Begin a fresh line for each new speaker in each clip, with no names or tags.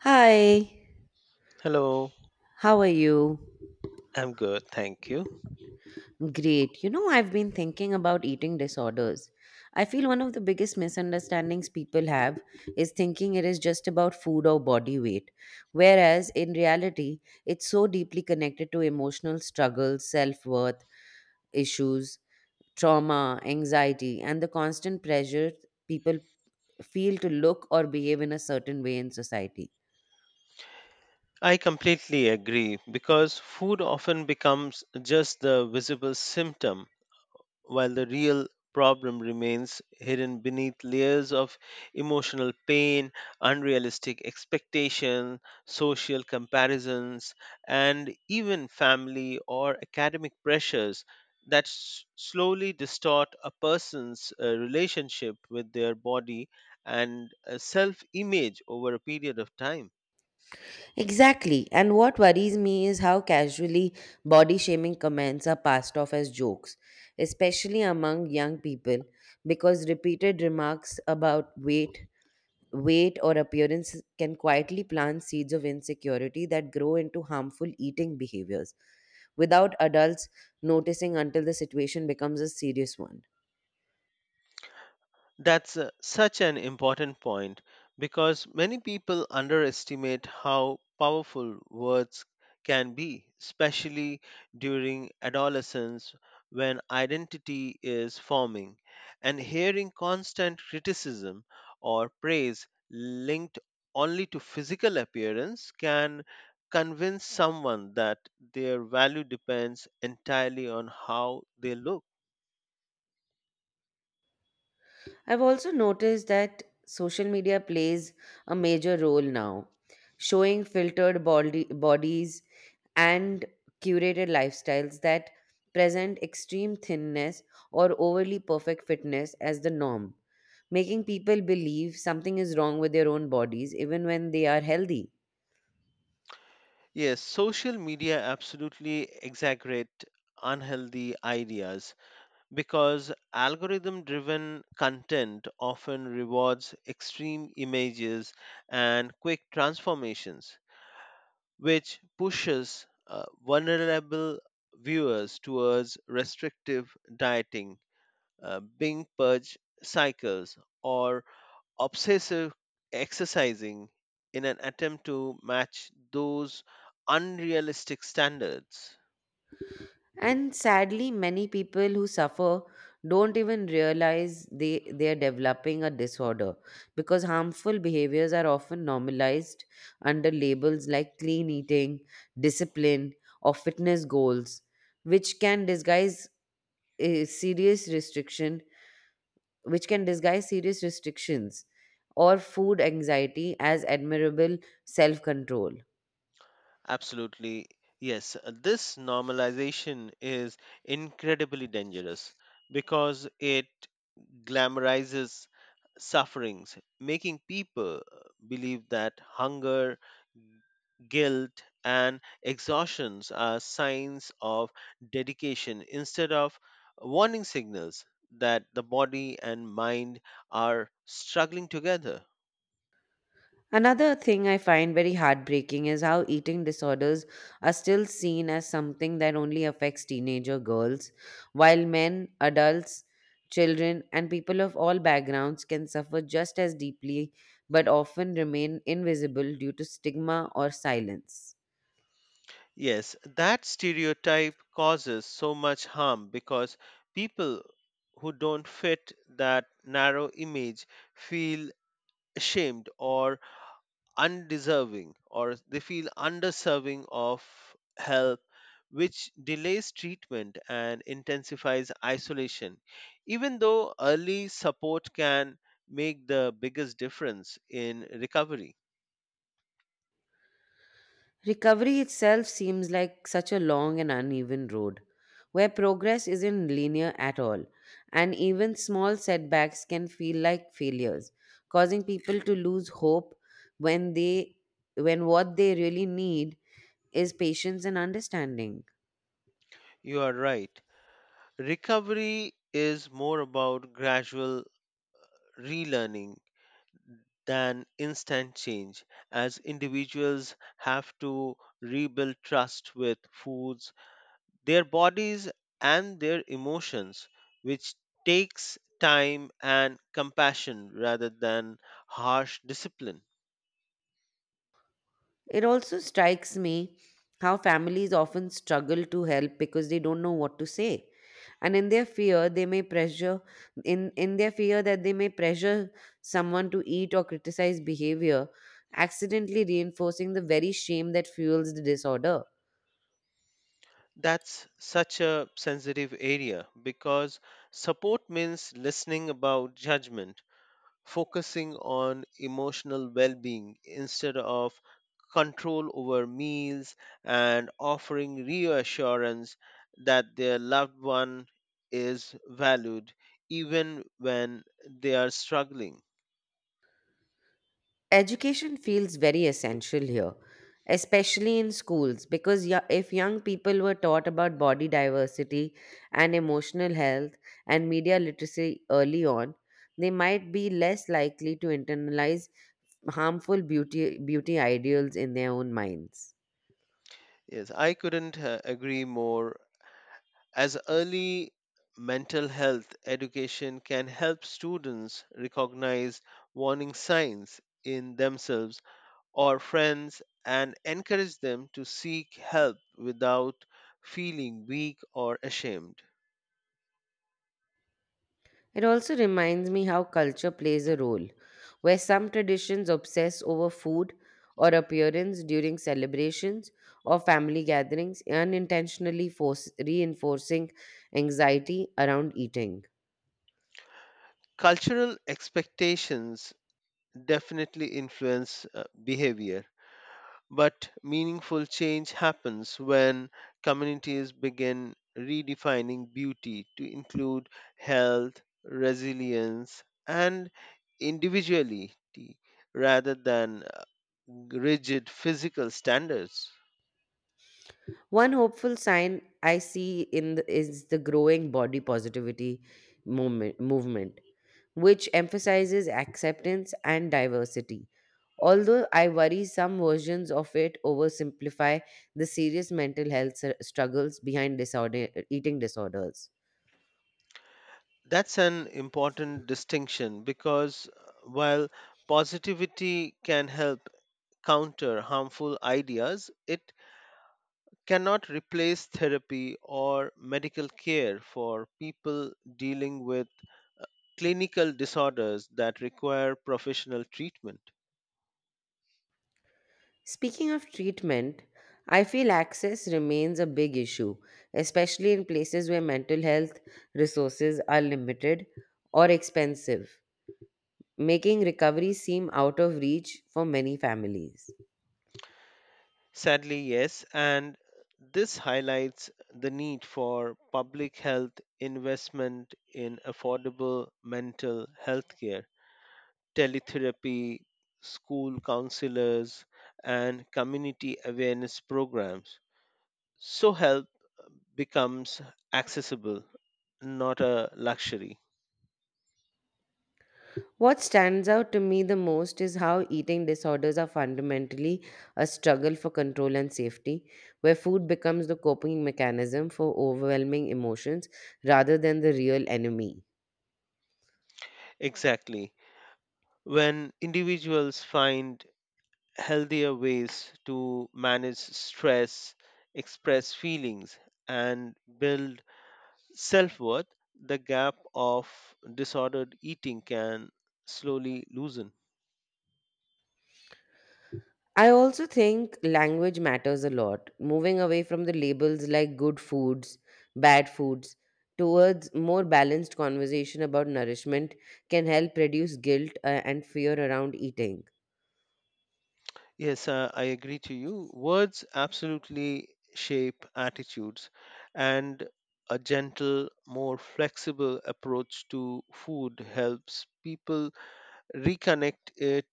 Hi,
Hello,
how are you?
I'm good, thank you.
Great. You know, I've been thinking about eating disorders. I feel one of the biggest misunderstandings people have is thinking it is just about food or body weight, whereas in reality, it's so deeply connected to emotional struggles, self worth issues, trauma, anxiety, and the constant pressure people feel to look or behave in a certain way in society.
I completely agree because food often becomes just the visible symptom while the real problem remains hidden beneath layers of emotional pain, unrealistic expectation, social comparisons, and even family or academic pressures that slowly distort a person's relationship with their body and self image over a period of time.
Exactly. And what worries me is how casually body shaming comments are passed off as jokes, especially among young people, because repeated remarks about weight or appearance can quietly plant seeds of insecurity that grow into harmful eating behaviors without adults noticing until the situation becomes a serious one.
That's such an important point because many people underestimate how powerful words can be, especially during adolescence when identity is forming. And hearing constant criticism or praise linked only to physical appearance can convince someone that their value depends entirely on how they look.
I've also noticed that social media plays a major role now, showing filtered bodies and curated lifestyles that present extreme thinness or overly perfect fitness as the norm, making people believe something is wrong with their own bodies even when they are healthy.
Yes, social media absolutely exaggerate unhealthy ideas because algorithm driven content often rewards extreme images and quick transformations which pushes vulnerable viewers towards restrictive dieting, binge purge cycles or obsessive exercising in an attempt to match those unrealistic standards.
And sadly, many people who suffer don't even realize they are developing a disorder, because harmful behaviors are often normalized under labels like clean eating, discipline, or fitness goals, which can disguise eh, serious restriction, which can disguise serious restrictions or food anxiety as admirable self control.
Absolutely, yes. This normalization is incredibly dangerous because it glamorizes sufferings, making people believe that hunger, guilt, and exhaustions are signs of dedication instead of warning signals that the body and mind are struggling together.
Another thing I find very heartbreaking is how eating disorders are still seen as something that only affects teenager girls, while men, adults, children, and people of all backgrounds can suffer just as deeply but often remain invisible due to stigma or silence.
Yes, that stereotype causes so much harm because people who don't fit that narrow image feel ashamed or undeserving, or they feel underserving of help, which delays treatment and intensifies isolation even though early support can make the biggest difference in recovery.
Recovery itself seems like such a long and uneven road, where progress isn't linear at all, and even small setbacks can feel like failures, causing people to lose hope when they when what they really need is patience and understanding.
You are right. Recovery is more about gradual relearning than instant change, as individuals have to rebuild trust with foods, their bodies, and their emotions, which takes time and compassion rather than harsh discipline.
It also strikes me how families often struggle to help because they don't know what to say. And in their fear, they may pressure in their fear that they may pressure someone to eat or criticize behavior, accidentally reinforcing the very shame that fuels the disorder.
That's such a sensitive area because support means listening about judgment, focusing on emotional well being instead of control over meals, and offering reassurance that their loved one is valued even when they are struggling.
Education feels very essential here, especially in schools, because if young people were taught about body diversity and emotional health and media literacy early on, they might be less likely to internalize harmful beauty ideals in their own minds.
Yes, I couldn't agree more. As early mental health education can help students recognize warning signs in themselves or friends and encourage them to seek help without feeling weak or ashamed.
It also reminds me how culture plays a role, where some traditions obsess over food or appearance during celebrations or family gatherings, unintentionally reinforcing anxiety around eating.
Cultural expectations definitely influence behavior, but meaningful change happens when communities begin redefining beauty to include health, resilience, and individuality rather than rigid physical standards.
One hopeful sign I see is the growing body positivity movement, which emphasizes acceptance and diversity. Although I worry some versions of it oversimplify the serious mental health struggles behind eating disorders.
That's an important distinction because, while positivity can help counter harmful ideas, it cannot replace therapy or medical care for people dealing with clinical disorders that require professional treatment.
Speaking of treatment, I feel access remains a big issue, especially in places where mental health resources are limited or expensive, making recovery seem out of reach for many families.
Sadly, yes, and this highlights the need for public health investment in affordable mental health care, teletherapy, school counselors, and community awareness programs. So help becomes accessible, not a luxury.
What stands out to me the most is how eating disorders are fundamentally a struggle for control and safety, where food becomes the coping mechanism for overwhelming emotions rather than the real enemy.
Exactly. When individuals find healthier ways to manage stress, express feelings, and build self worth, the gap of disordered eating can slowly loosen.
I also think language matters a lot. Moving away from the labels like good foods, bad foods, towards more balanced conversation about nourishment can help reduce guilt and fear around eating.
Yes, I agree to you. Words absolutely shape attitudes, and a gentle, more flexible approach to food helps people reconnect it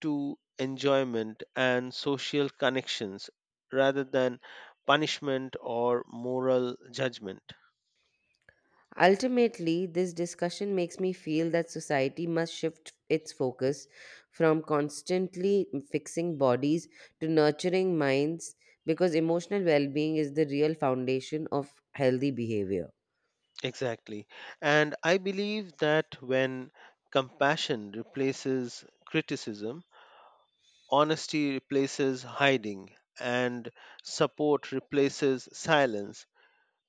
to enjoyment and social connections rather than punishment or moral judgment.
Ultimately, this discussion makes me feel that society must shift its focus from constantly fixing bodies to nurturing minds, because emotional well being is the real foundation of healthy behavior.
Exactly. And I believe that when compassion replaces criticism, honesty replaces hiding, and support replaces silence,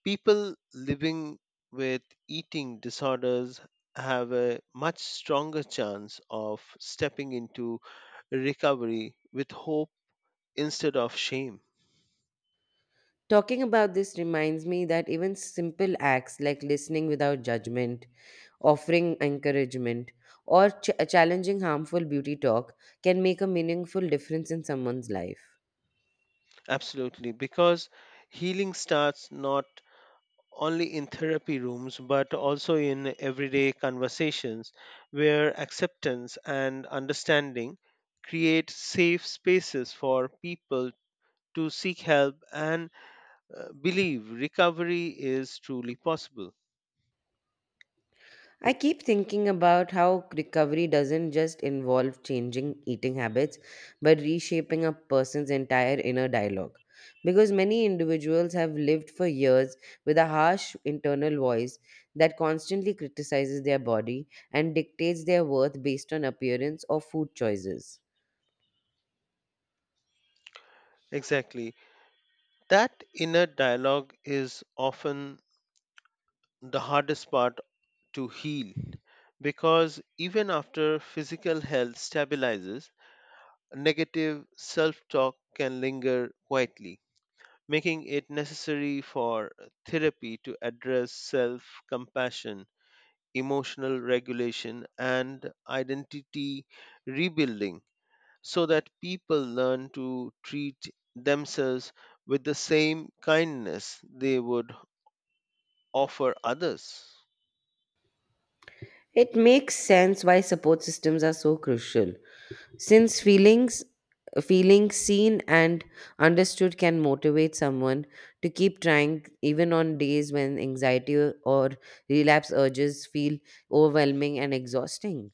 people living with eating disorders have a much stronger chance of stepping into recovery with hope instead of shame.
Talking about this reminds me that even simple acts like listening without judgment, offering encouragement, or challenging harmful beauty talk can make a meaningful difference in someone's life.
Absolutely. Because healing starts not only in therapy rooms but also in everyday conversations where acceptance and understanding create safe spaces for people to seek help and believe recovery is truly possible.
I keep thinking about how recovery doesn't just involve changing eating habits, but reshaping a person's entire inner dialogue, because many individuals have lived for years with a harsh internal voice that constantly criticizes their body and dictates their worth based on appearance or food choices.
Exactly. That inner dialogue is often the hardest part to heal because even after physical health stabilizes, negative self talk can linger quietly, making it necessary for therapy to address self compassion, emotional regulation, and identity rebuilding so that people learn to treat themselves with the same kindness they would offer others.
It makes sense why support systems are so crucial, since feeling seen and understood can motivate someone to keep trying, even on days when anxiety or relapse urges feel overwhelming and exhausting.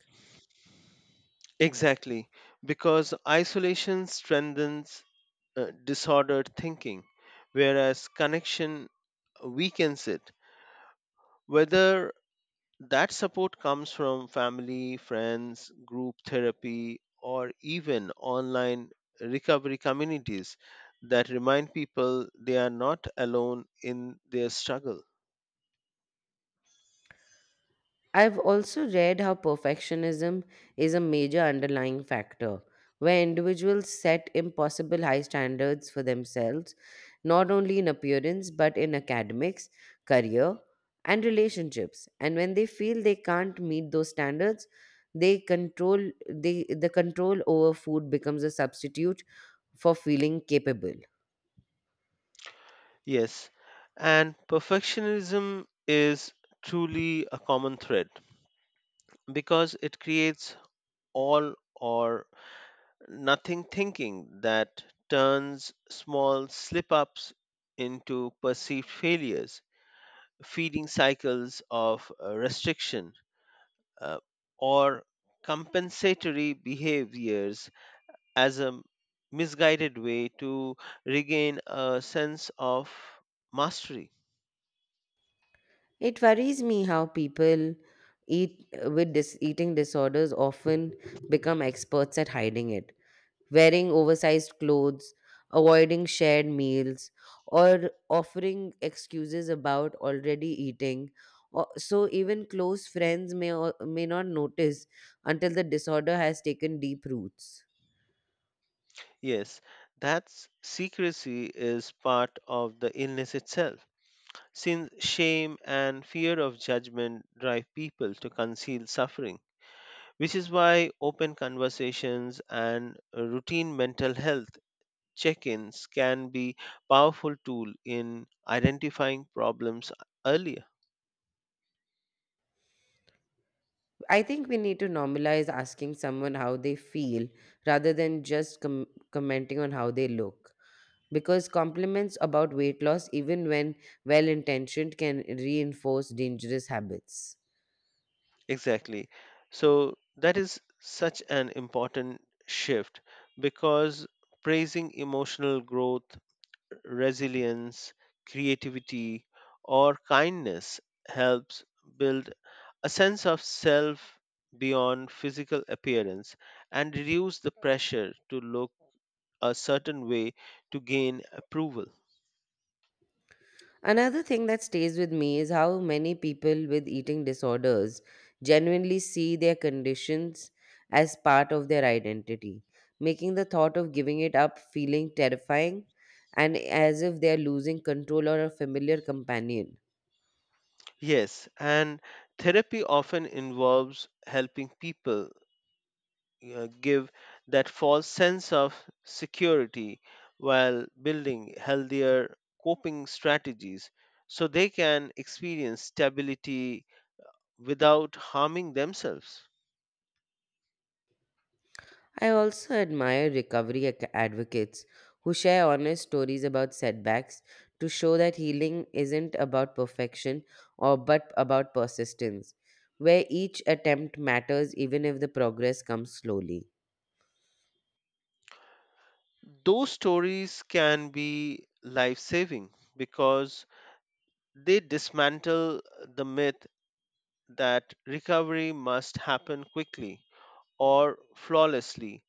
Exactly, because isolation strengthens disordered thinking, whereas connection weakens it. Whether That support comes from family, friends, group therapy, or even online recovery communities that remind people they are not alone in their struggle.
I've also read how perfectionism is a major underlying factor, where individuals set impossible high standards for themselves, not only in appearance but in academics, career, and relationships. And when they feel they can't meet those standards, they control the control over food becomes a substitute for feeling capable.
Yes, and perfectionism is truly a common thread because it creates all or nothing thinking that turns small slip ups into perceived failures, feeding cycles of restriction uh, or compensatory behaviors as a misguided way to regain a sense of mastery.
It worries me how people eat with dis- eating disorders often become experts at hiding it, wearing oversized clothes, avoiding shared meals, or offering excuses about already eating. So even close friends may not notice until the disorder has taken deep roots.
Yes, that secrecy is part of the illness itself, since shame and fear of judgment drive people to conceal suffering, which is why open conversations and routine mental health check ins can be powerful tool in identifying problems earlier.
I think we need to normalize asking someone how they feel rather than just commenting on how they look, because compliments about weight loss, even when well intentioned, can reinforce dangerous habits.
Exactly. So that is such an important shift because praising emotional growth, resilience, creativity, or kindness helps build a sense of self beyond physical appearance and reduce the pressure to look a certain way to gain approval.
Another thing that stays with me is how many people with eating disorders genuinely see their conditions as part of their identity, making the thought of giving it up feeling terrifying and as if they're losing control or a familiar companion.
Yes, and therapy often involves helping people give that false sense of security while building healthier coping strategies so they can experience stability without harming themselves.
I also admire recovery advocates who share honest stories about setbacks to show that healing isn't about perfection or but about persistence, where each attempt matters even if the progress comes slowly.
Those stories can be life saving because they dismantle the myth that recovery must happen quickly or flawlessly,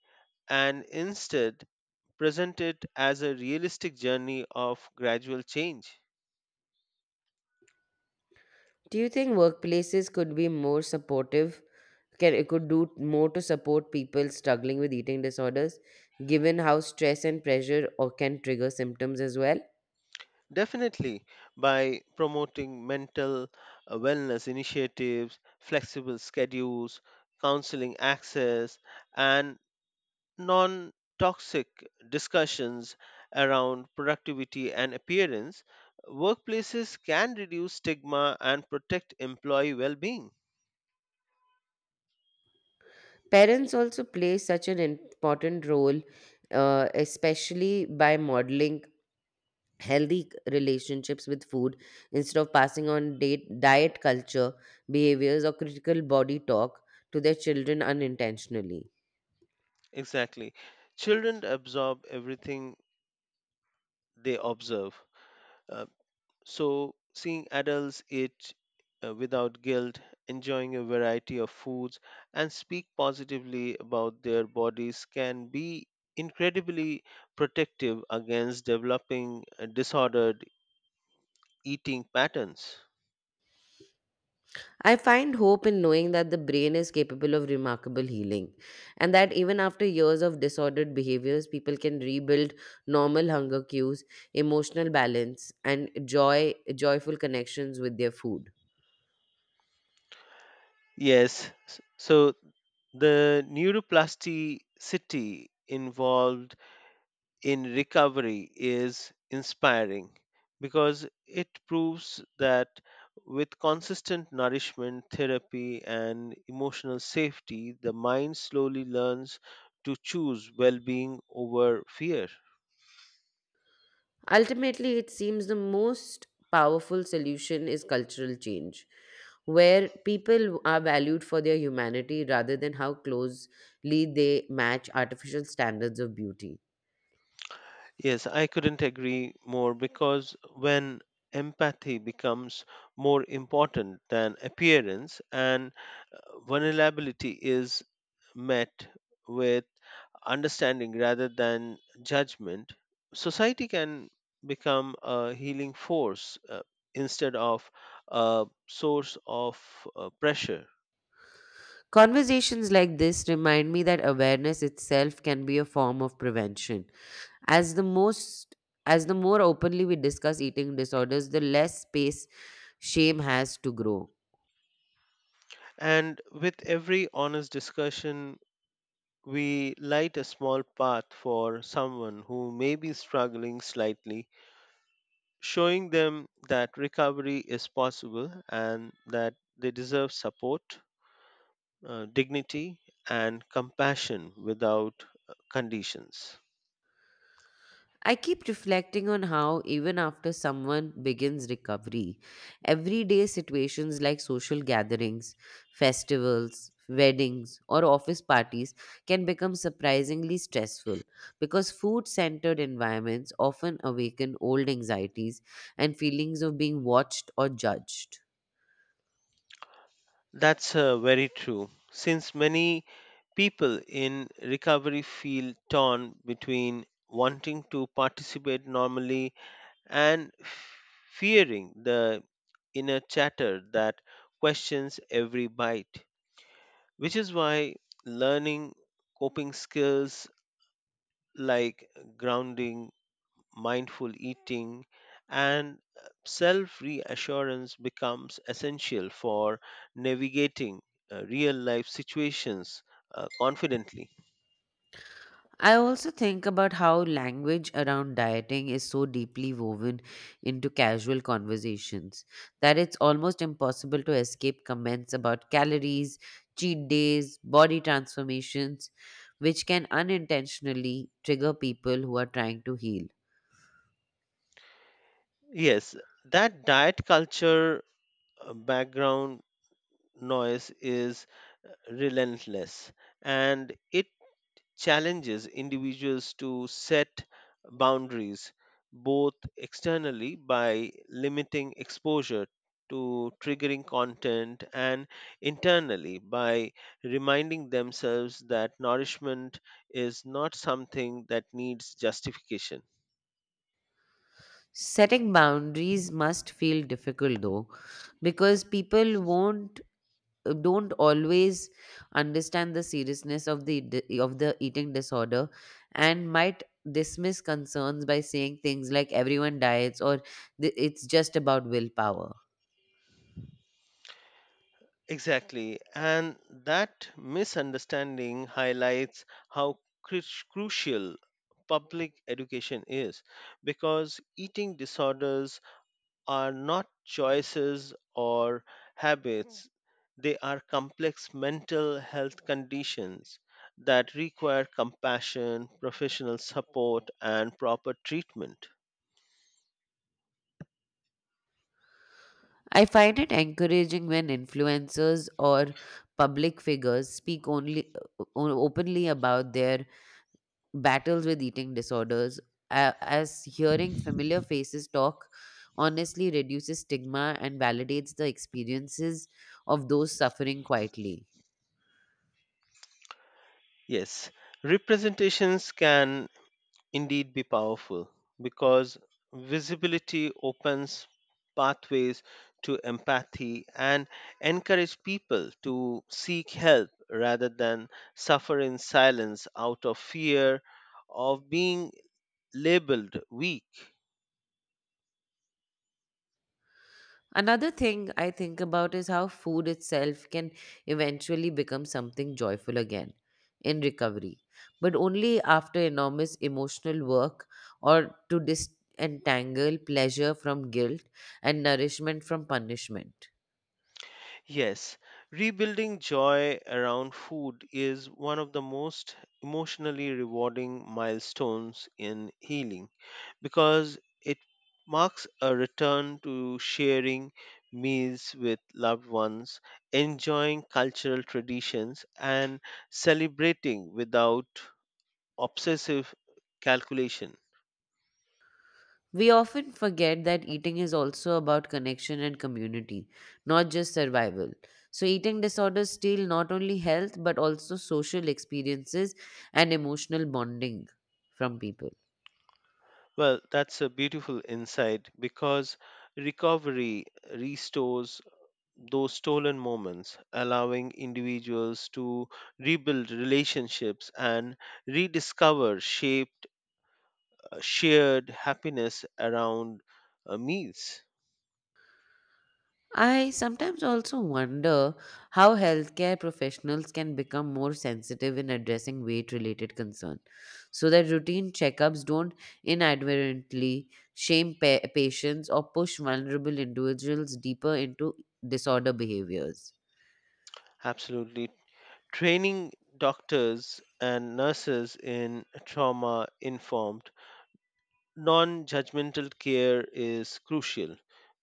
and instead present it as a realistic journey of gradual change.
Do you think workplaces could be more supportive? It could do more to support people struggling with eating disorders, given how stress and pressure or can trigger symptoms as well.
Definitely, by promoting mental wellness initiatives, flexible schedules, counseling access, and non toxic discussions around productivity and appearance, workplaces can reduce stigma and protect employee well being.
Parents also play such an important role, especially by modeling healthy relationships with food instead of passing on diet culture, behaviors, or critical body talk to their children unintentionally.
Exactly. Children absorb everything they observe. Uh, So, seeing adults eat without guilt, enjoying a variety of foods, and speak positively about their bodies can be incredibly protective against developing disordered eating patterns.
I find hope in knowing that the brain is capable of remarkable healing, and that even after years of disordered behaviors, people can rebuild normal hunger cues, emotional balance, and joyful connections with their food.
Yes, so the neuroplasticity involved in recovery is inspiring because it proves that with consistent nourishment, therapy, and emotional safety, the mind slowly learns to choose well being over fear.
Ultimately, it seems the most powerful solution is cultural change, where people are valued for their humanity rather than how closely they match artificial standards of beauty.
Yes, I couldn't agree more because when empathy becomes more important than appearance and vulnerability is met with understanding rather than judgment, society can become a healing force instead of a source of pressure.
Conversations like this remind me that awareness itself can be a form of prevention. As the most as the more openly we discuss eating disorders, the less space shame has to grow.
And with every honest discussion, we light a small path for someone who may be struggling slightly, showing them that recovery is possible and that they deserve support, dignity, and compassion without conditions.
I keep reflecting on how, even after someone begins recovery, everyday situations like social gatherings, festivals, weddings, or office parties can become surprisingly stressful, because food centered environments often awaken old anxieties and feelings of being watched or judged.
That's very true. Since many people in recovery feel torn between wanting to participate normally and fearing the inner chatter that questions every bite, which is why learning coping skills like grounding, mindful eating, and self reassurance becomes essential for navigating real life situations confidently.
I also think about how language around dieting is so deeply woven into casual conversations that it's almost impossible to escape comments about calories, cheat days, body transformations, which can unintentionally trigger people who are trying to heal.
Yes, that diet culture background noise is relentless, and it challenges individuals to set boundaries both externally by limiting exposure to triggering content and internally by reminding themselves that nourishment is not something that needs justification.
Setting boundaries must feel difficult though, because people won't don't always understand the seriousness of the eating disorder, and might dismiss concerns by saying things like everyone diets or it's just about willpower."
Exactly. And that misunderstanding highlights how cru- crucial public education is because eating disorders are not choices or habits, they are complex mental health conditions that require compassion, professional support, and proper treatment.
I find it encouraging when influencers or public figures speak openly about their battles with eating disorders, as hearing familiar faces talk honestly reduces stigma and validates the experiences of those suffering quietly.
Yes, representations can indeed be powerful because visibility opens pathways to empathy and encourage people to seek help rather than suffer in silence out of fear of being labeled weak.
Another thing I think about is how food itself can eventually become something joyful again in recovery, but only after enormous emotional work or to disentangle pleasure from guilt and nourishment from punishment.
Yes, rebuilding joy around food is one of the most emotionally rewarding milestones in healing because it marks a return to sharing meals with loved ones, enjoying cultural traditions, and celebrating without obsessive calculation.
We often forget that eating is also about connection and community, not just survival. So, eating disorders steal not only health but also social experiences and emotional bonding from people.
Well, that's a beautiful insight because recovery restores those stolen moments, allowing individuals to rebuild relationships and rediscover shared happiness around meals.
I sometimes also wonder how healthcare professionals can become more sensitive in addressing weight related concern, so that routine checkups don't inadvertently shame patients or push vulnerable individuals deeper into disorder behaviors.
Absolutely. Training doctors and nurses in trauma informed non judgmental care is crucial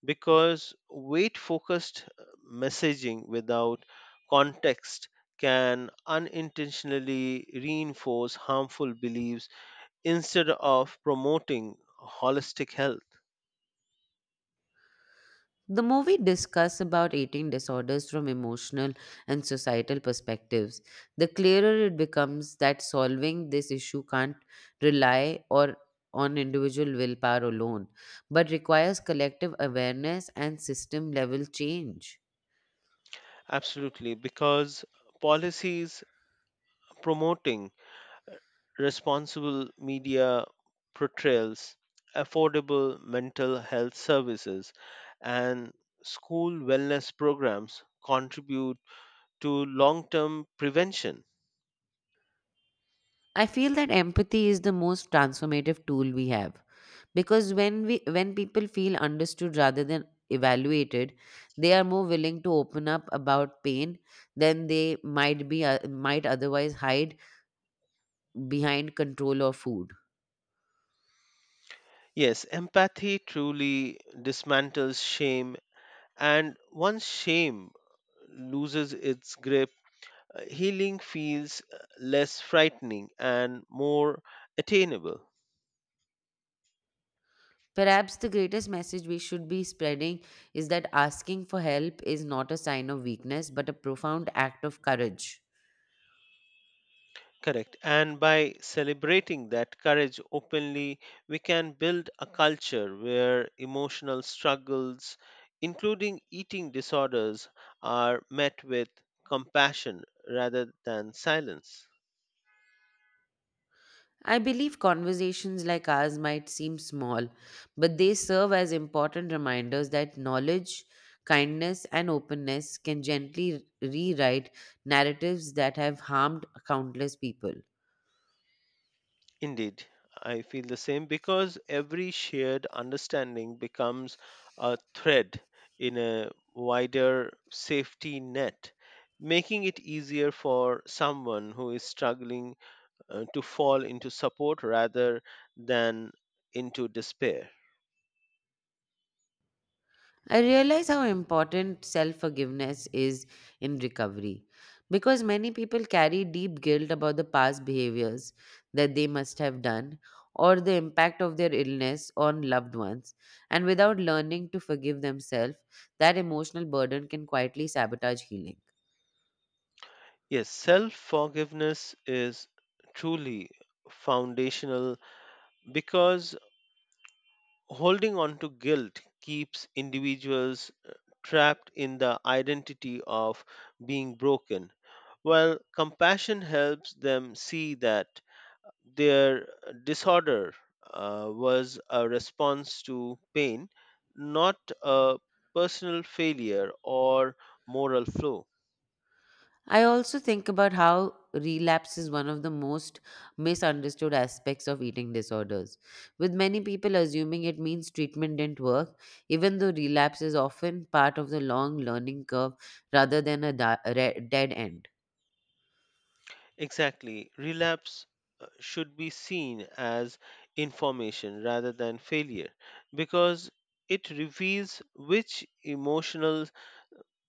because weight focused messaging without context can unintentionally reinforce harmful beliefs instead of promoting holistic health.
The movie discussed about eating disorders from emotional and societal perspectives. The clearer it becomes that solving this issue can't rely or on individual willpower alone, but requires collective awareness and system level change.
Absolutely, because policies promoting responsible media portrayals, affordable mental health services, and school wellness programs contribute to long term prevention.
I feel that empathy is the most transformative tool we have, because when people feel understood rather than evaluated, they are more willing to open up about pain than they might otherwise hide behind control or food.
Yes, empathy truly dismantles shame, and once shame loses its grip, healing feels less frightening and more attainable.
Perhaps the greatest message we should be spreading is that asking for help is not a sign of weakness but a profound act of courage.
Correct. And by celebrating that courage openly, we can build a culture where emotional struggles, including eating disorders, are met with compassion rather than silence.
I believe conversations like ours might seem small, but they serve as important reminders that knowledge, kindness, and openness can gently rewrite narratives that have harmed countless people.
Indeed, I feel the same because every shared understanding becomes a thread in a wider safety net, making it easier for someone who is struggling to fall into support rather than into despair.
I realize how important self forgiveness is in recovery, because many people carry deep guilt about the past behaviors that they must have done or the impact of their illness on loved ones. And without learning to forgive themselves, that emotional burden can quietly sabotage healing.
Yes, self forgiveness is truly foundational because holding on to guilt keeps individuals trapped in the identity of being broken, while compassion helps them see that their disorder was a response to pain, not a personal failure or moral flaw.
I also think about how relapse is one of the most misunderstood aspects of eating disorders, with many people assuming it means treatment didn't work, even though relapse is often part of the long learning curve rather than a dead end.
Exactly. Relapse should be seen as information rather than failure because it reveals which emotional,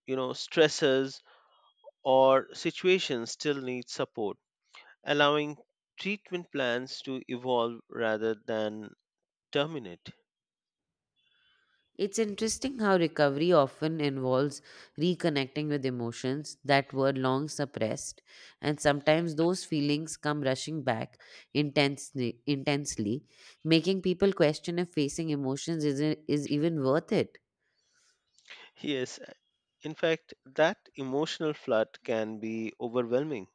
stresses or situations still need support, allowing treatment plans to evolve rather than terminate.
It's interesting how recovery often involves reconnecting with emotions that were long suppressed, and sometimes those feelings come rushing back intensely making people question if facing emotions is even worth it.
Yes, in fact, that emotional flood can be overwhelming.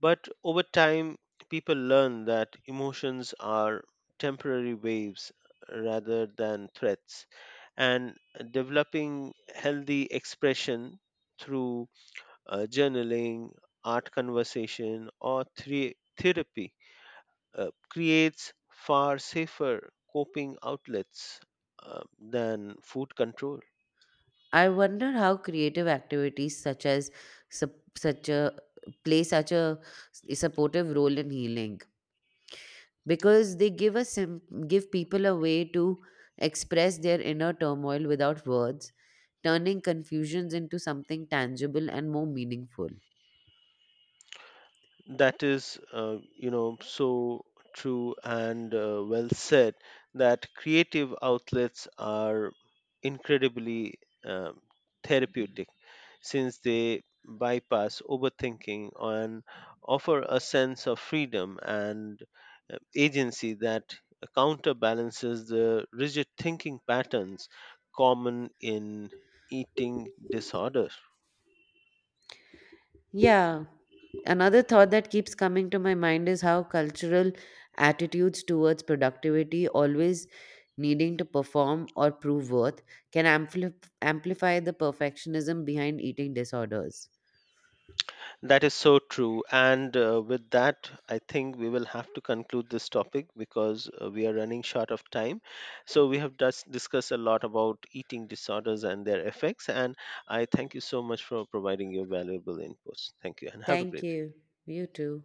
But over time, people learn that emotions are temporary waves rather than threats, and developing healthy expression through journaling, art conversation, or therapy creates far safer coping outlets than food control.
I wonder how creative activities such as sup- such a play such a supportive role in healing, because they give people a way to express their inner turmoil without words, turning confusions into something tangible and more meaningful.
That is, so true and well said that creative outlets are incredibly um, therapeutic since they bypass overthinking and offer a sense of freedom and agency that counterbalances the rigid thinking patterns common in eating disorder.
Yeah, another thought that keeps coming to my mind is how cultural attitudes towards productivity, always needing to perform or prove worth, can amplify the perfectionism behind eating disorders.
That is so true. And with that, I think we will have to conclude this topic because we are running short of time. So, we have just discussed a lot about eating disorders and their effects. And I thank you so much for providing your valuable inputs. Thank you and have a
Thank
great day.
you. You too.